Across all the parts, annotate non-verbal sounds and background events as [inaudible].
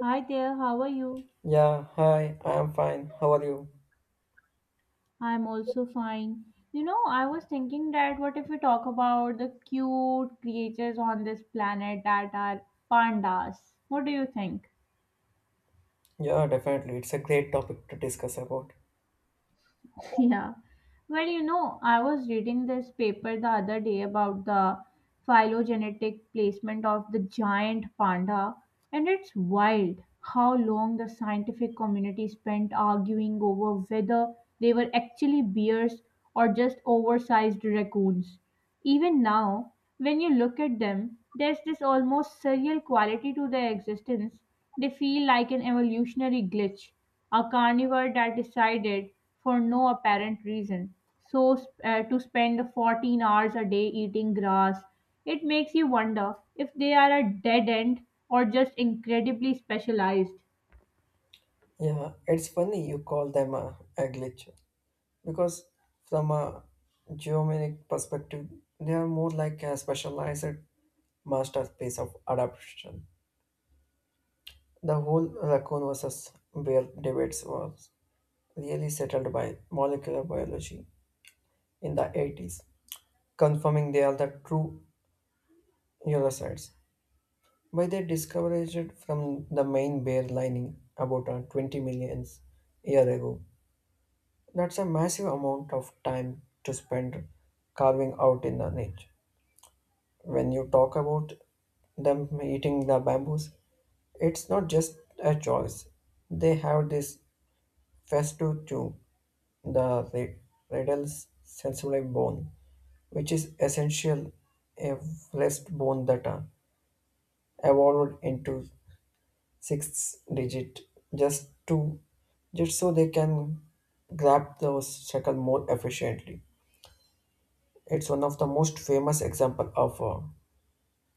Hi there, how are you? Yeah, hi, I am fine. How are you? I'm also fine. You know, I was thinking, that what if we talk about the cute creatures on this planet that are pandas? What do you think? Yeah, definitely. It's a great topic to discuss about. [laughs] Yeah. Well, you know, I was reading this paper the other day about the phylogenetic placement of the giant panda, and it's wild how long the scientific community spent arguing over whether they were actually bears or just oversized raccoons. Even now, when you look at them, there's this almost surreal quality to their existence. They feel like an evolutionary glitch, a carnivore that decided, for no apparent reason, so to spend 14 hours a day eating grass. It makes you wonder if they are a dead end or just incredibly specialized. Yeah, it's funny you call them a glitch because from a geometric perspective, they are more like a specialized masterpiece of adaptation. The whole raccoon versus bear debates was really settled by molecular biology in the 80s, confirming they are the true eurasides. By they discovered from the main bear lining about 20 millions year ago. That's a massive amount of time to spend carving out in the niche. When you talk about them eating the bamboos, it's not just a choice. They have this festive to the radal's sensory bone, which is essential a rest bone that evolved into sixth digit just to just so they can grab those shekels more efficiently. It's one of the most famous example of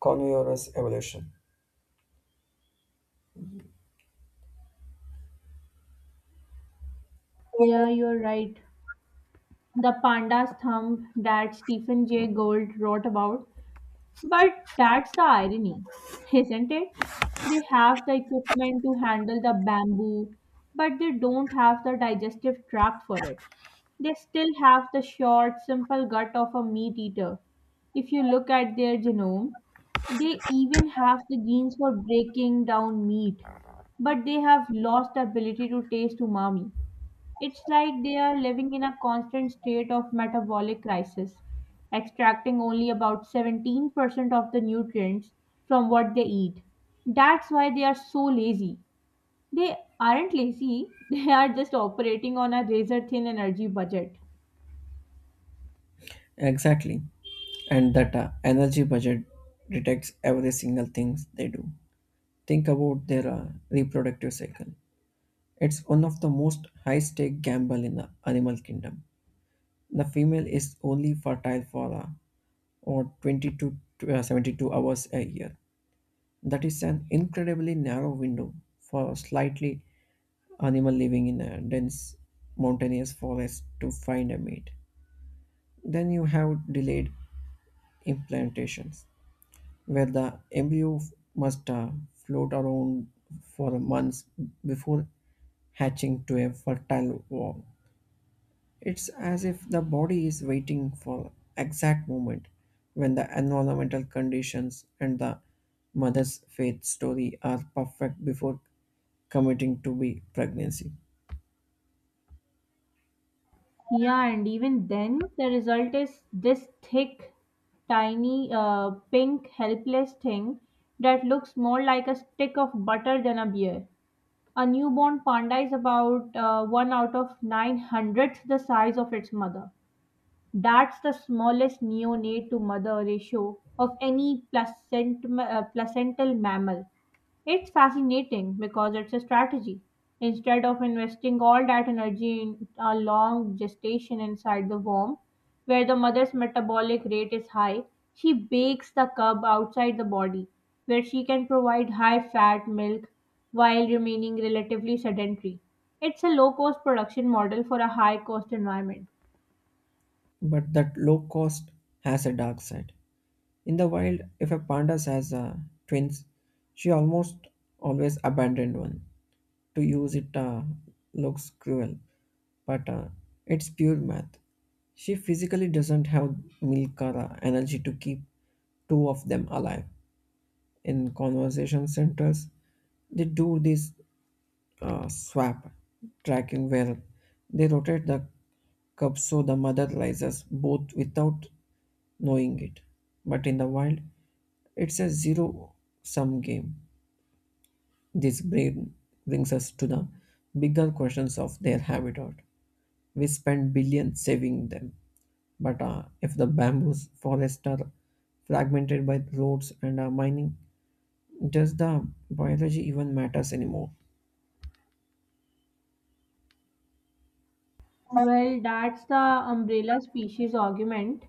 carnivorous evolution. Yeah, you're right. The panda's thumb that Stephen Jay Gould wrote about. But that's the irony, isn't it? They have the equipment to handle the bamboo, but they don't have the digestive tract for it. They still have the short, simple gut of a meat eater. If you look at their genome, they even have the genes for breaking down meat, but they have lost the ability to taste umami. It's like they are living in a constant state of metabolic crisis, extracting only about 17% of the nutrients from what they eat. That's why they are so lazy. They aren't lazy, [laughs] they are just operating on a razor thin energy budget. Exactly. And that energy budget detects every single thing they do. Think about their reproductive cycle. It's one of the most high stake gamble in the animal kingdom. The female is only fertile for or 20 to 72 hours a year. That is an incredibly narrow window for a slightly animal living in a dense mountainous forest to find a mate. Then you have delayed implantations, where the embryo must float around for months before hatching to a fertile wall. It's as if the body is waiting for exact moment when the environmental conditions and the mother's faith story are perfect before committing to be pregnancy. Yeah, and even then, the result is this thick, tiny, pink, helpless thing that looks more like a stick of butter than a beer. A newborn panda is about 1 out of 9 hundredths the size of its mother. That's the smallest neonate to mother ratio of any placental mammal. It's fascinating because it's a strategy. Instead of investing all that energy in a long gestation inside the womb, where the mother's metabolic rate is high, she bakes the cub outside the body, where she can provide high fat milk while remaining relatively sedentary. It's a low cost production model for a high cost environment. But that low cost has a dark side. In the wild, if a panda has twins, she almost always abandoned one. To use it looks cruel, but it's pure math. She physically doesn't have milk or energy to keep two of them alive. In conversation centers, they do this swap tracking where they rotate the cup so the mother rises both without knowing it. But in the wild, it's a zero sum game. This bring, brings us to the bigger questions of their habitat. We spend billions saving them, but if the bamboo forests are fragmented by roads and mining, does the biology even matters anymore? Well, that's the umbrella species argument.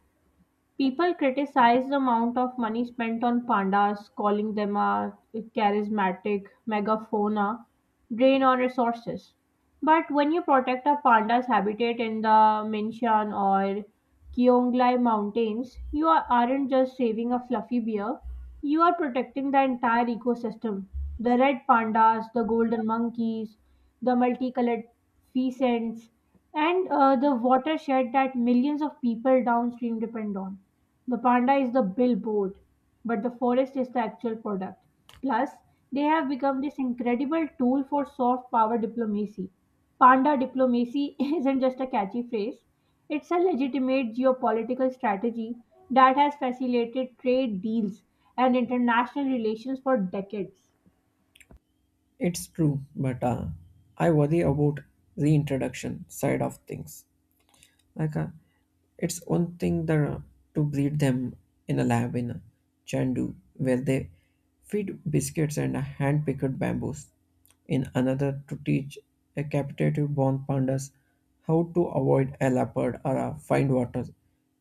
People criticize the amount of money spent on pandas, calling them a charismatic megafauna drain on resources. But when you protect a panda's habitat in the Minshan or Kyonglai mountains, you aren't just saving a fluffy bear, you are protecting the entire ecosystem. The red pandas, the golden monkeys, the multicolored pheasants, and the watershed that millions of people downstream depend on. The panda is the billboard, but the forest is the actual product. Plus, they have become this incredible tool for soft power diplomacy. Panda diplomacy [laughs] isn't just a catchy phrase, it's a legitimate geopolitical strategy that has facilitated trade deals and international relations for decades. It's true, but I worry about reintroduction side of things. Like uh, It's one thing to breed them in a lab in Chandu, where they feed biscuits and hand picked bamboos, in another to teach a captive born pandas how to avoid a leopard or a find water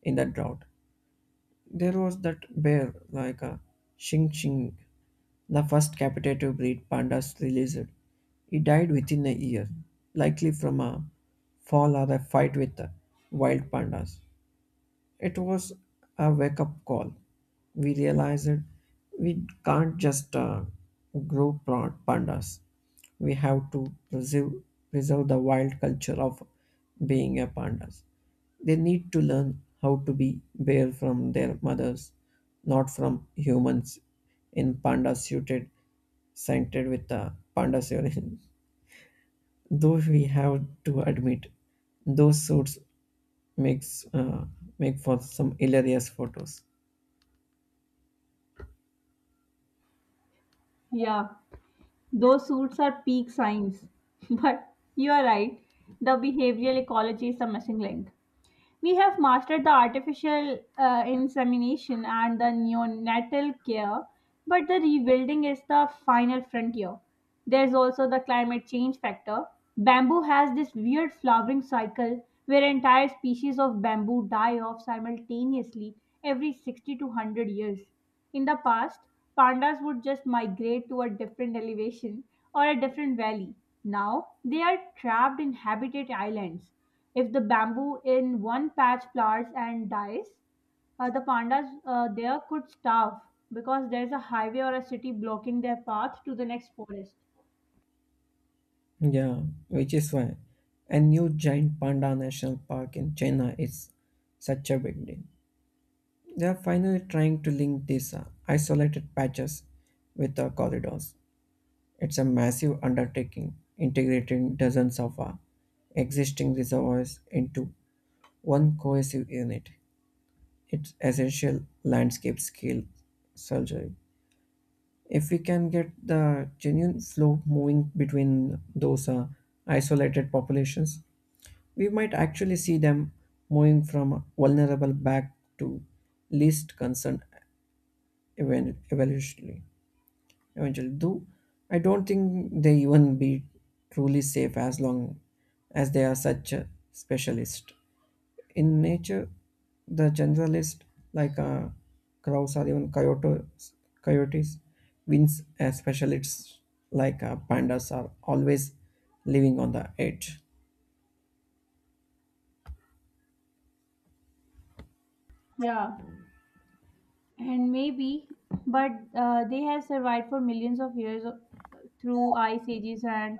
in the drought. There was that bear like a Shing Shing, the first captive breed pandas released. He died within a year, likely from a fall or a fight with the wild pandas. It was a wake up call. We realized that we can't just pandas. We have to preserve the wild culture of being a pandas. They need to learn how to be bear from their mothers, not from humans in panda suited scented with the panda urine. [laughs] Though we have to admit, those suits makes uh, make for some hilarious photos. Yeah, those suits are peak signs. [laughs] But you are right, the behavioral ecology is the missing link. We have mastered the artificial insemination and the neonatal care, but the rebuilding is the final frontier. There's also the climate change factor. Bamboo has this weird flowering cycle where entire species of bamboo die off simultaneously every 60 to 100 years. In the past, pandas would just migrate to a different elevation or a different valley. Now, they are trapped in habitat islands. If the bamboo in one patch flowers and dies, the pandas there could starve because there's a highway or a city blocking their path to the next forest. Yeah, which is why a new giant panda national park in China is such a big deal. They are finally trying to link these isolated patches with the corridors. It's a massive undertaking, integrating dozens of existing reservoirs into one cohesive unit. It's essential landscape scale surgery. If we can get the genuine flow moving between those isolated populations, we might actually see them moving from vulnerable back to least concerned, even evolutionarily eventually do. I don't think they even be truly safe as long as they are such a specialist in nature. The generalist, like crows or even coyotes wins. As specialists, like pandas are always living on the edge. Yeah, and maybe, but they have survived for millions of years through ice ages and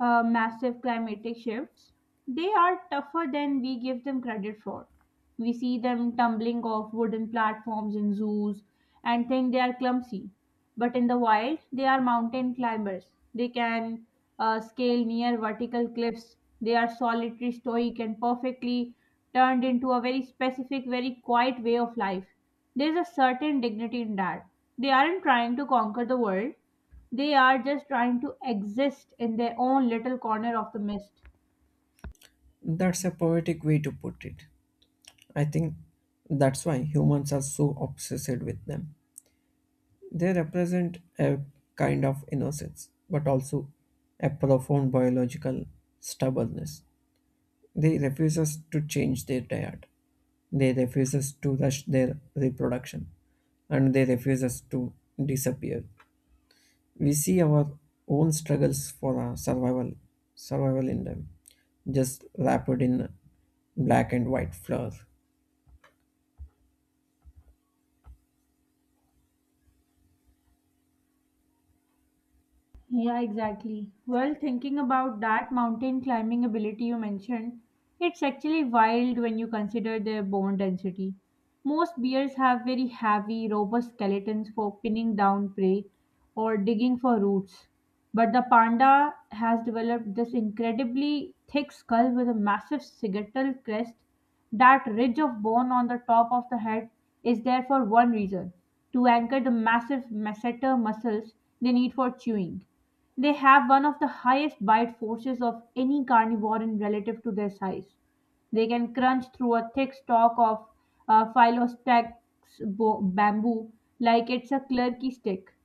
massive climatic shifts. They are tougher than we give them credit for. We see them tumbling off wooden platforms in zoos and think they are clumsy, but in the wild they are mountain climbers. They can scale near vertical cliffs. They are solitary, stoic, and perfectly turned into a very specific, very quiet way of life. There's a certain dignity in that. They aren't trying to conquer the world, they are just trying to exist in their own little corner of the mist. That's a poetic way to put it. I think that's why humans are so obsessed with them. They represent a kind of innocence, but also a profound biological stubbornness. They refuses to change their diet. They refuses to rush their reproduction, and they refuses to disappear. We see our own struggles for survival in them, just wrapped in black and white flour. Yeah, exactly. Well, thinking about that mountain climbing ability you mentioned, it's actually wild when you consider their bone density. Most bears have very heavy, robust skeletons for pinning down prey or digging for roots. But the panda has developed this incredibly thick skull with a massive sagittal crest. That ridge of bone on the top of the head is there for one reason: to anchor the massive masseter muscles they need for chewing. They have one of the highest bite forces of any carnivore in relative to their size. They can crunch through a thick stalk of phyllostax bamboo like it's a clurky stick.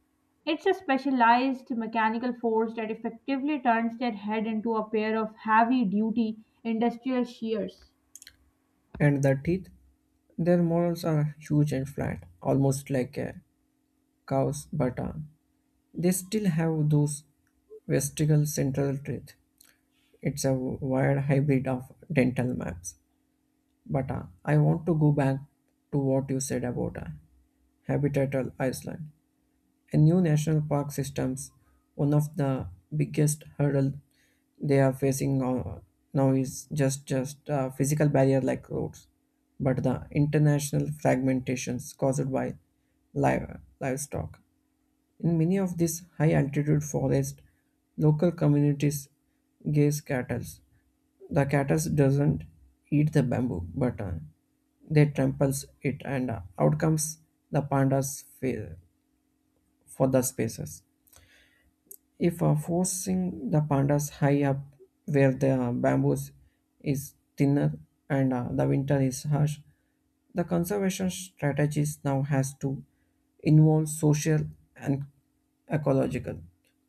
It's a specialized mechanical force that effectively turns their head into a pair of heavy duty industrial shears. And the teeth, their morals are huge and flat, almost like a cow's, but they still have those vestigial central teeth. It's a weird hybrid of dental maps. But I want to go back to what you said about habitatal Iceland. A new national park systems, one of the biggest hurdle they are now is just a physical barrier like roads, but the international fragmentations caused by livestock. In many of these high altitude forests, local communities graze cattle. The cattle doesn't eat the bamboo, but they tramples it, and out comes the for the spaces. If forcing the pandas high up where the bamboos is thinner and the winter is harsh, the conservation strategies now has to involve social and ecological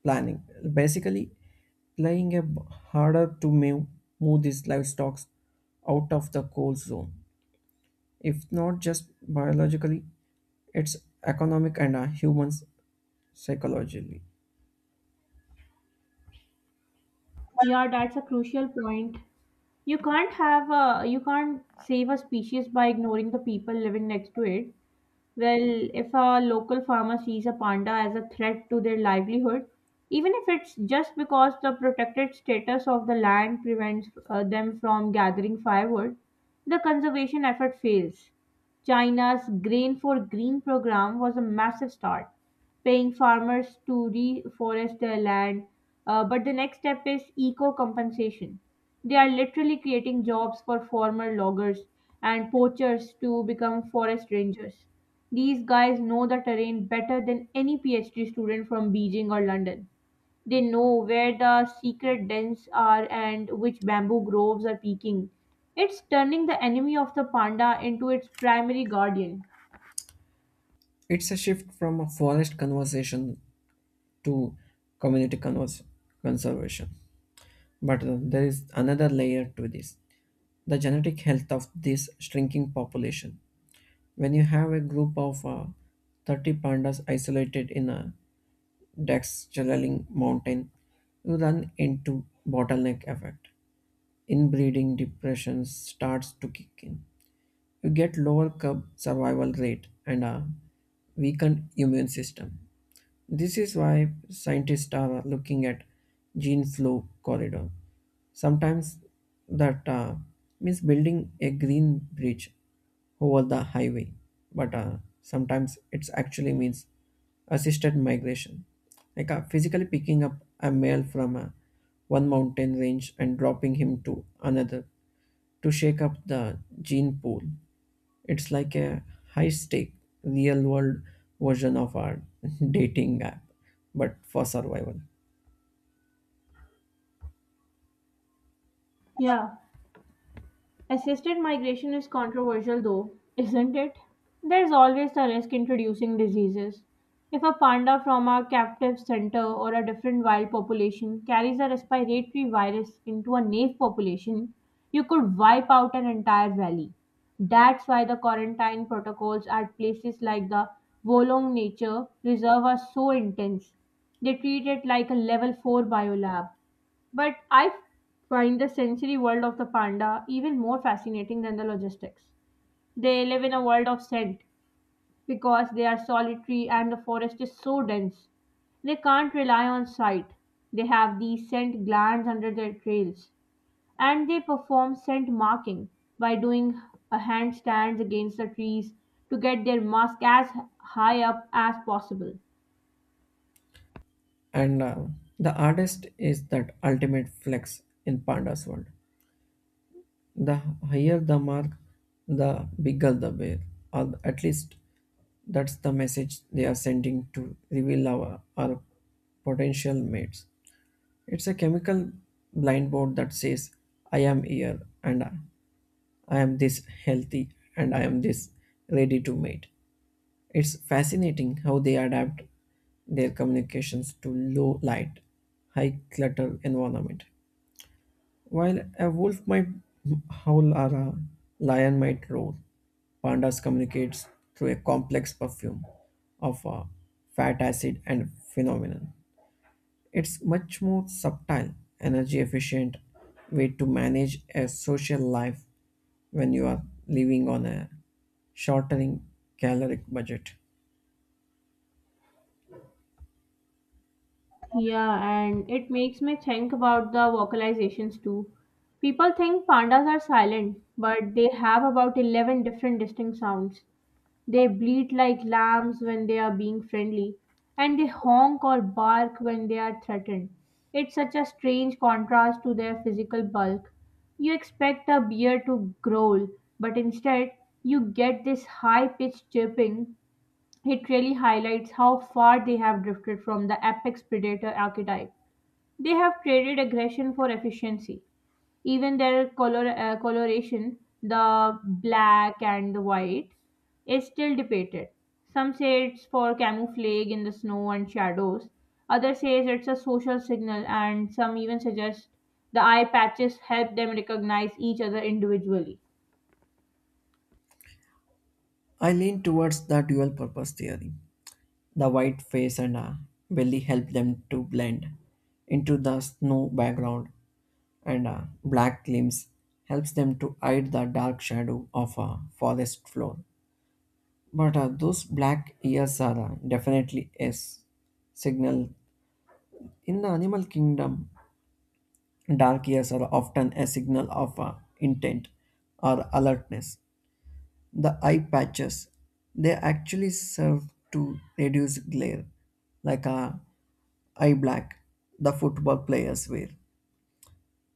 planning. Basically, playing a harder to move these livestock out of the cold zone. If not just biologically, it's economic and humans psychologically. Yeah, that's a crucial point. You can't save a species by ignoring the people living next to it. Well, if a local farmer sees a panda as a threat to their livelihood, even if it's just because the protected status of the land prevents them from gathering firewood, the conservation effort fails. China's Grain for Green program was a massive start, paying farmers to reforest their land. But the next step is eco compensation. They are literally creating jobs for former loggers and poachers to become forest rangers. These guys know the terrain better than any PhD student from Beijing or London. They know where the secret dens are and which bamboo groves are peaking. It's turning the enemy of the panda into its primary guardian. It's a shift from a forest conservation to community convers- conservation. But there is another layer to this: the genetic health of this shrinking population. When you have a group of 30 pandas isolated in a Daxchalaling mountain, you run into bottleneck effect. Inbreeding depression starts to kick in. You get lower cub survival rate and a weakened immune system. This is why scientists are looking at gene flow corridor. Sometimes that means building a green bridge over the highway, but sometimes it actually means assisted migration, like physically picking up a male from one mountain range and dropping him to another to shake up the gene pool. It's like a high stake, real world version of our [laughs] dating app, but for survival. Yeah. Assisted migration is controversial though, isn't it? There's always the risk introducing diseases. If a panda from a captive center or a different wild population carries a respiratory virus into a native population, you could wipe out an entire valley. That's why the quarantine protocols at places like the Wolong Nature Reserve are so intense. They treat it like a level 4 biolab. But I find the sensory world of the panda even more fascinating than the logistics. They live in a world of scent because they are solitary and the forest is so dense. They can't rely on sight. They have these scent glands under their tails and they perform scent marking by doing a handstands against the trees to get their musk as high up as possible. And the hardest is that ultimate flex in Panda's world. The higher the mark, the bigger the bear, or at least that's the message they are sending to reveal our potential mates. It's a chemical blind board that says, I am here and I am this healthy and I am this ready to mate. It's fascinating how they adapt their communications to low light, high clutter environment. While a wolf might howl or a lion might roar, pandas communicates through a complex perfume of fat acid and phenomenon. It's much more subtle, energy efficient way to manage a social life when you are living on a shortening caloric budget. Yeah, and it makes me think about the vocalizations too. People think pandas are silent, but they have about 11 different distinct sounds. They bleat like lambs when they are being friendly, and they honk or bark when they are threatened. It's such a strange contrast to their physical bulk. You expect a bear to growl, but instead, you get this high pitched chirping. It really highlights how far they have drifted from the apex predator archetype. They have traded aggression for efficiency. Even their coloration, the black and the white, is still debated. Some say it's for camouflage in the snow and shadows. Others say it's a social signal, and some even suggest the eye patches help them recognize each other individually. I lean towards the dual purpose theory. The white face and belly help them to blend into the snow background, and black limbs helps them to hide the dark shadow of a forest floor. But those black ears are definitely a signal. In the animal kingdom, dark ears are often a signal of intent or alertness. The eye patches, they actually serve to reduce glare, like a eye black the football players wear.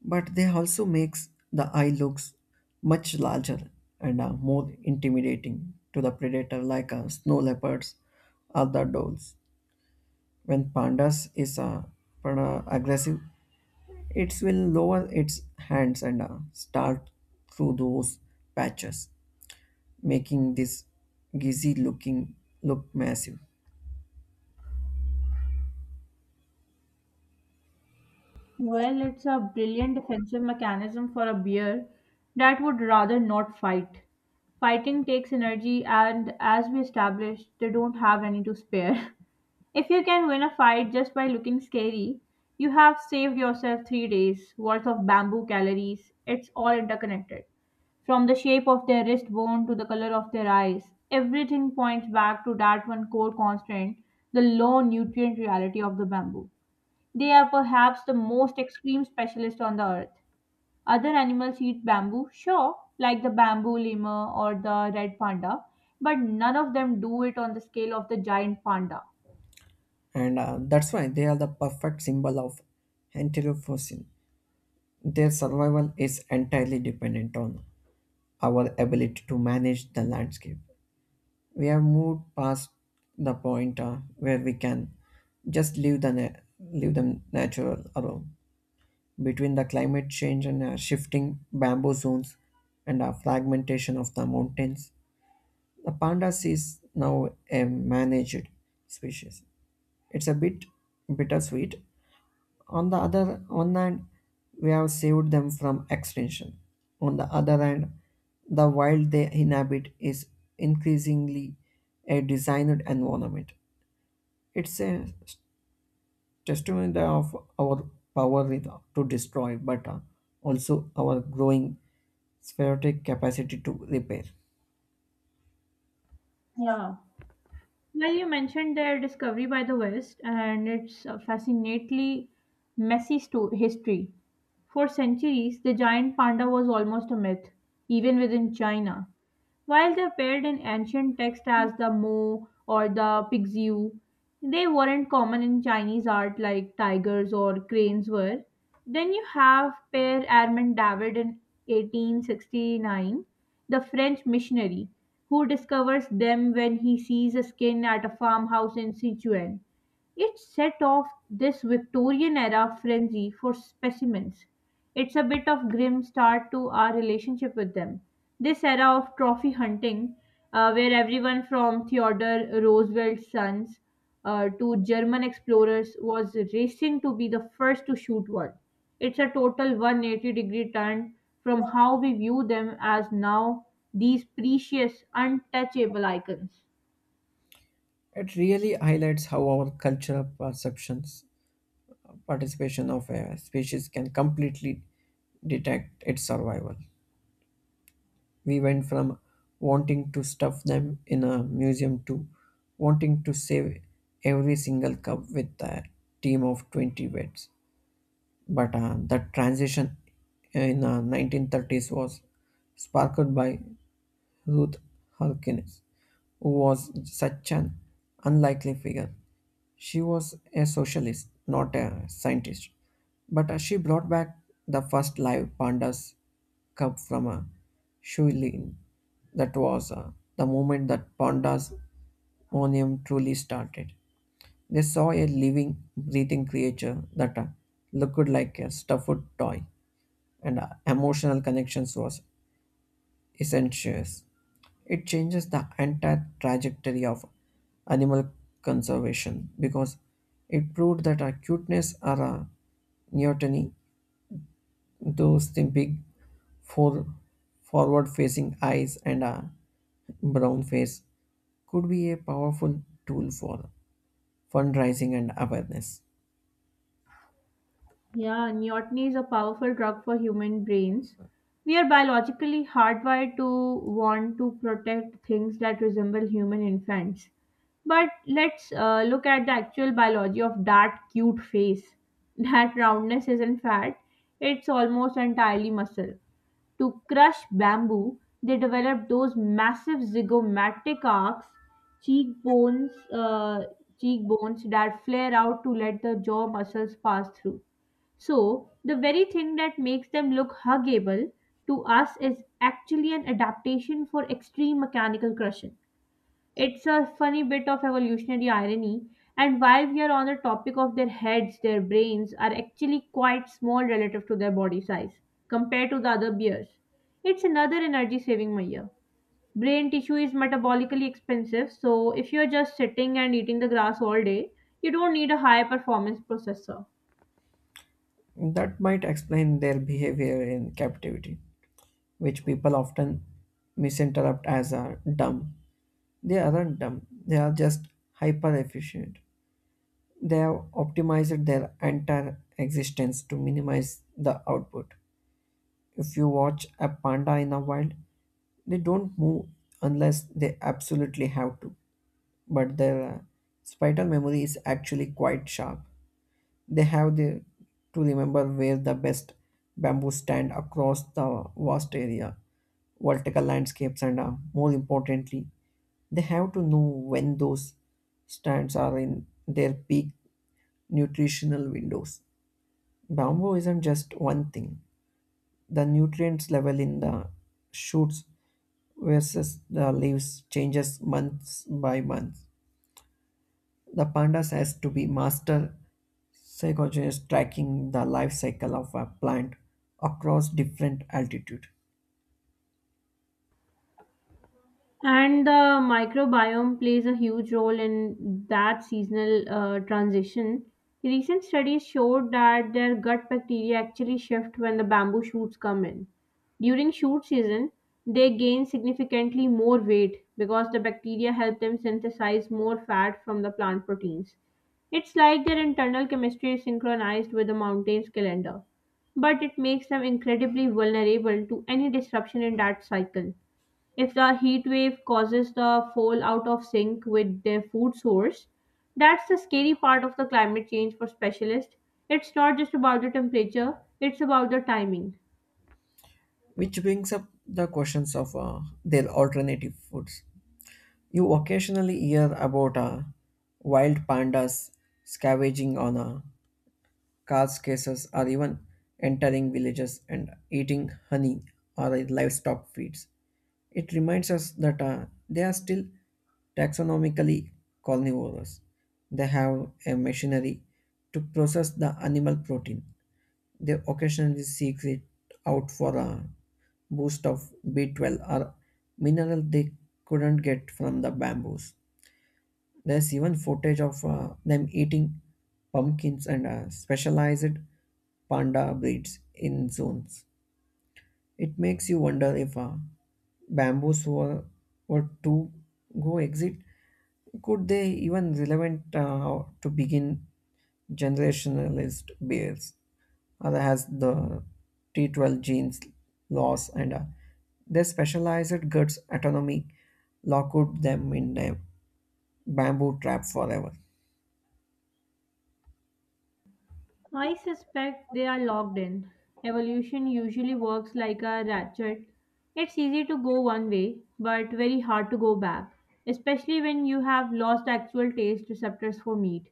But they also makes the eye looks much larger and are more intimidating to the predator, like snow leopards or the dolls. When pandas is aggressive, it will lower its hands and start through those patches, making this gizzy looking look massive. Well, it's a brilliant defensive mechanism for a bear that would rather not fight. Fighting takes energy, and as we established, they don't have any to spare. [laughs] If you can win a fight just by looking scary, you have saved yourself 3 days worth of bamboo calories. It's all interconnected. From the shape of their wrist bone to the color of their eyes, everything points back to that one core constant, the low nutrient reality of the bamboo. They are perhaps the most extreme specialist on the earth. Other animals eat bamboo, sure, like the bamboo lemur or the red panda, but none of them do it on the scale of the giant panda. And that's why they are the perfect symbol of enterophosine. Their survival is entirely dependent on our ability to manage the landscape. We have moved past the point where we can just leave them natural alone. Between the climate change and shifting bamboo zones and fragmentation of the mountains, the pandas is now a managed species. It's a bit bittersweet. On the other one hand, we have saved them from extinction. On the other hand, the wild they inhabit is increasingly a designed environment. It's a testament of our power with- to destroy, but also our growing spherotic capacity to repair. Yeah. Well, you mentioned their discovery by the West and its fascinately messy history. For centuries, the giant panda was almost a myth, even within China. While they appeared in ancient texts as the Mo or the Pixu, they weren't common in Chinese art like tigers or cranes were. Then you have Pere Armand David in 1869, the French missionary, who discovers them when he sees a skin at a farmhouse in Sichuan. It set off this Victorian era frenzy for specimens. It's a bit of grim start to our relationship with them. This era of trophy hunting, where everyone from Theodore Roosevelt's sons to German explorers was racing to be the first to shoot one. It's a total 180 degree turn from how we view them as now, these precious, untouchable icons. It really highlights how our cultural perceptions participation of a species can completely detect its survival. We went from wanting to stuff them in a museum to wanting to save every single cub with a team of 20 vets. But that transition in the 1930s was sparked by Ruth Harkness, who was such an unlikely figure. She was a socialist, not a scientist, but she brought back the first live pandas cub from a Shuilin. That was the moment that pandas Monium truly started. They saw a living, breathing creature that looked like a stuffed toy, and emotional connections was essentials. It changes the entire trajectory of animal conservation because it proved that acuteness, or a neoteny, those the big for forward facing eyes and a brown face could be a powerful tool for fundraising and awareness. Yeah, neoteny is a powerful drug for human brains. We are biologically hardwired to want to protect things that resemble human infants. But let's look at the actual biology of that cute face. [laughs] That roundness isn't fat, it's almost entirely muscle. To crush bamboo, they developed those massive zygomatic arcs, cheekbones, uh, cheekbones that flare out to let the jaw muscles pass through, so the very thing that makes them look huggable to us is actually an adaptation for extreme mechanical crushing. It's a funny bit of evolutionary irony, and while we are on the topic of their heads, their brains are actually quite small relative to their body size compared to the other bears. It's another energy saving measure. Brain tissue is metabolically expensive, so if you're just sitting and eating the grass all day, you don't need a high performance processor. That might explain their behavior in captivity, which people often misinterpret as a dumb. They aren't dumb, they are just hyper efficient. They have optimized their entire existence to minimize the output. If you watch a panda in a wild, they don't move unless they absolutely have to. But their spatial memory is actually quite sharp. They have to remember where the best bamboo stand across the vertical landscapes, and more importantly, they have to know when those stands are in their peak nutritional windows. Bamboo isn't just one thing. The nutrients level in the shoots versus the leaves changes months by month. The pandas has to be master Psychogenists tracking the life cycle of a plant across different altitude, And the microbiome plays a huge role in that seasonal transition. Recent studies showed that their gut bacteria actually shift when the bamboo shoots come in. During shoot season, they gain significantly more weight because the bacteria help them synthesize more fat from the plant proteins. It's like their internal chemistry is synchronized with the mountain's calendar, but it makes them incredibly vulnerable to any disruption in that cycle. If the heat wave causes the fall out of sync with their food source, that's the scary part of the climate change for specialists. It's not just about the temperature, it's about the timing. which brings up the questions of their alternative foods. You occasionally hear about wild pandas scavenging on Cars cases are even entering villages and eating honey or livestock feeds. It reminds us that they are still taxonomically carnivores. They have a machinery to process the animal protein. They occasionally seek it out for a boost of B12 or mineral they couldn't get from the bamboos. There's even footage of them eating pumpkins and specialized panda breeds in zones. It makes you wonder if bamboos were, were to go exit, could they even relevant to begin generationalist bears? Other has the T12 genes loss and their specialized guts autonomy locked them in a bamboo trap forever. I suspect they are locked in. Evolution usually works like a ratchet. It's easy to go one way, but very hard to go back, especially when you have lost actual taste receptors for meat.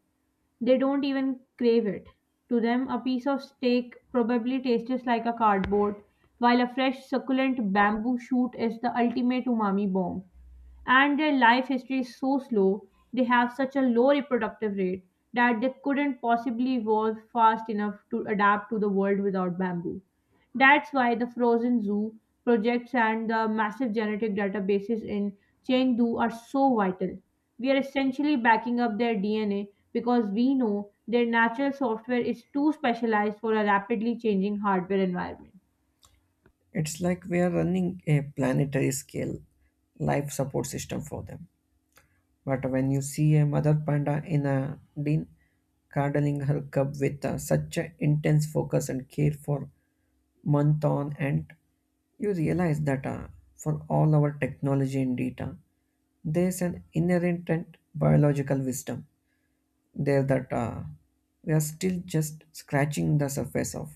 They don't even crave it. To them, a piece of steak probably tastes like a cardboard, while a fresh, succulent bamboo shoot is the ultimate umami bomb. And their life history is so slow, they have such a low reproductive rate that they couldn't possibly evolve fast enough to adapt to the world without bamboo. That's why the Frozen Zoo projects and the massive genetic databases in Chengdu are so vital. We are essentially backing up their DNA because we know their natural software is too specialized for a rapidly changing hardware environment. It's like we are running a planetary scale life support system for them. But when you see a mother panda in a den cuddling her cub with such an intense focus and care for month on end, you realize that for all our technology and data, there's an inherent and biological wisdom there that we are still just scratching the surface of.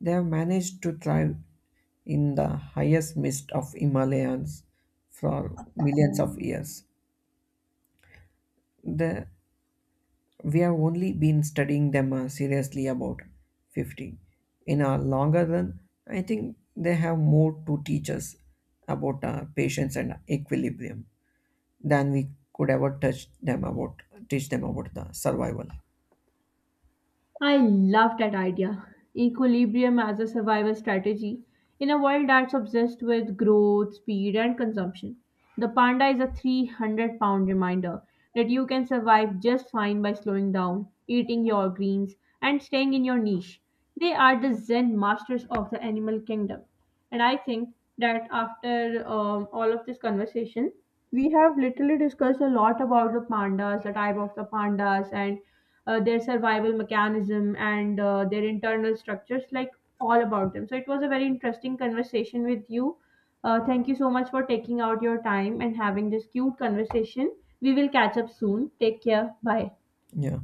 They have managed to thrive in the highest mist of Himalayas for millions of years. The, we have only been studying them seriously about 50. In a longer run, I think they have more to teach us about patience and equilibrium than we could ever touch them about teach them about the survival. I love that idea. Equilibrium as a survival strategy in a world that's obsessed with growth, speed, and consumption. The panda is a 300 pound reminder that you can survive just fine by slowing down, eating your greens, and staying in your niche. They are the Zen masters of the animal kingdom. And I think that after all of this conversation, we have literally discussed a lot about the pandas, the type of the pandas, and their survival mechanism and their internal structures, like all about them. So it was a very interesting conversation with you. Thank you so much for taking out your time and having this cute conversation. We will catch up soon. Take care. Bye. Yeah.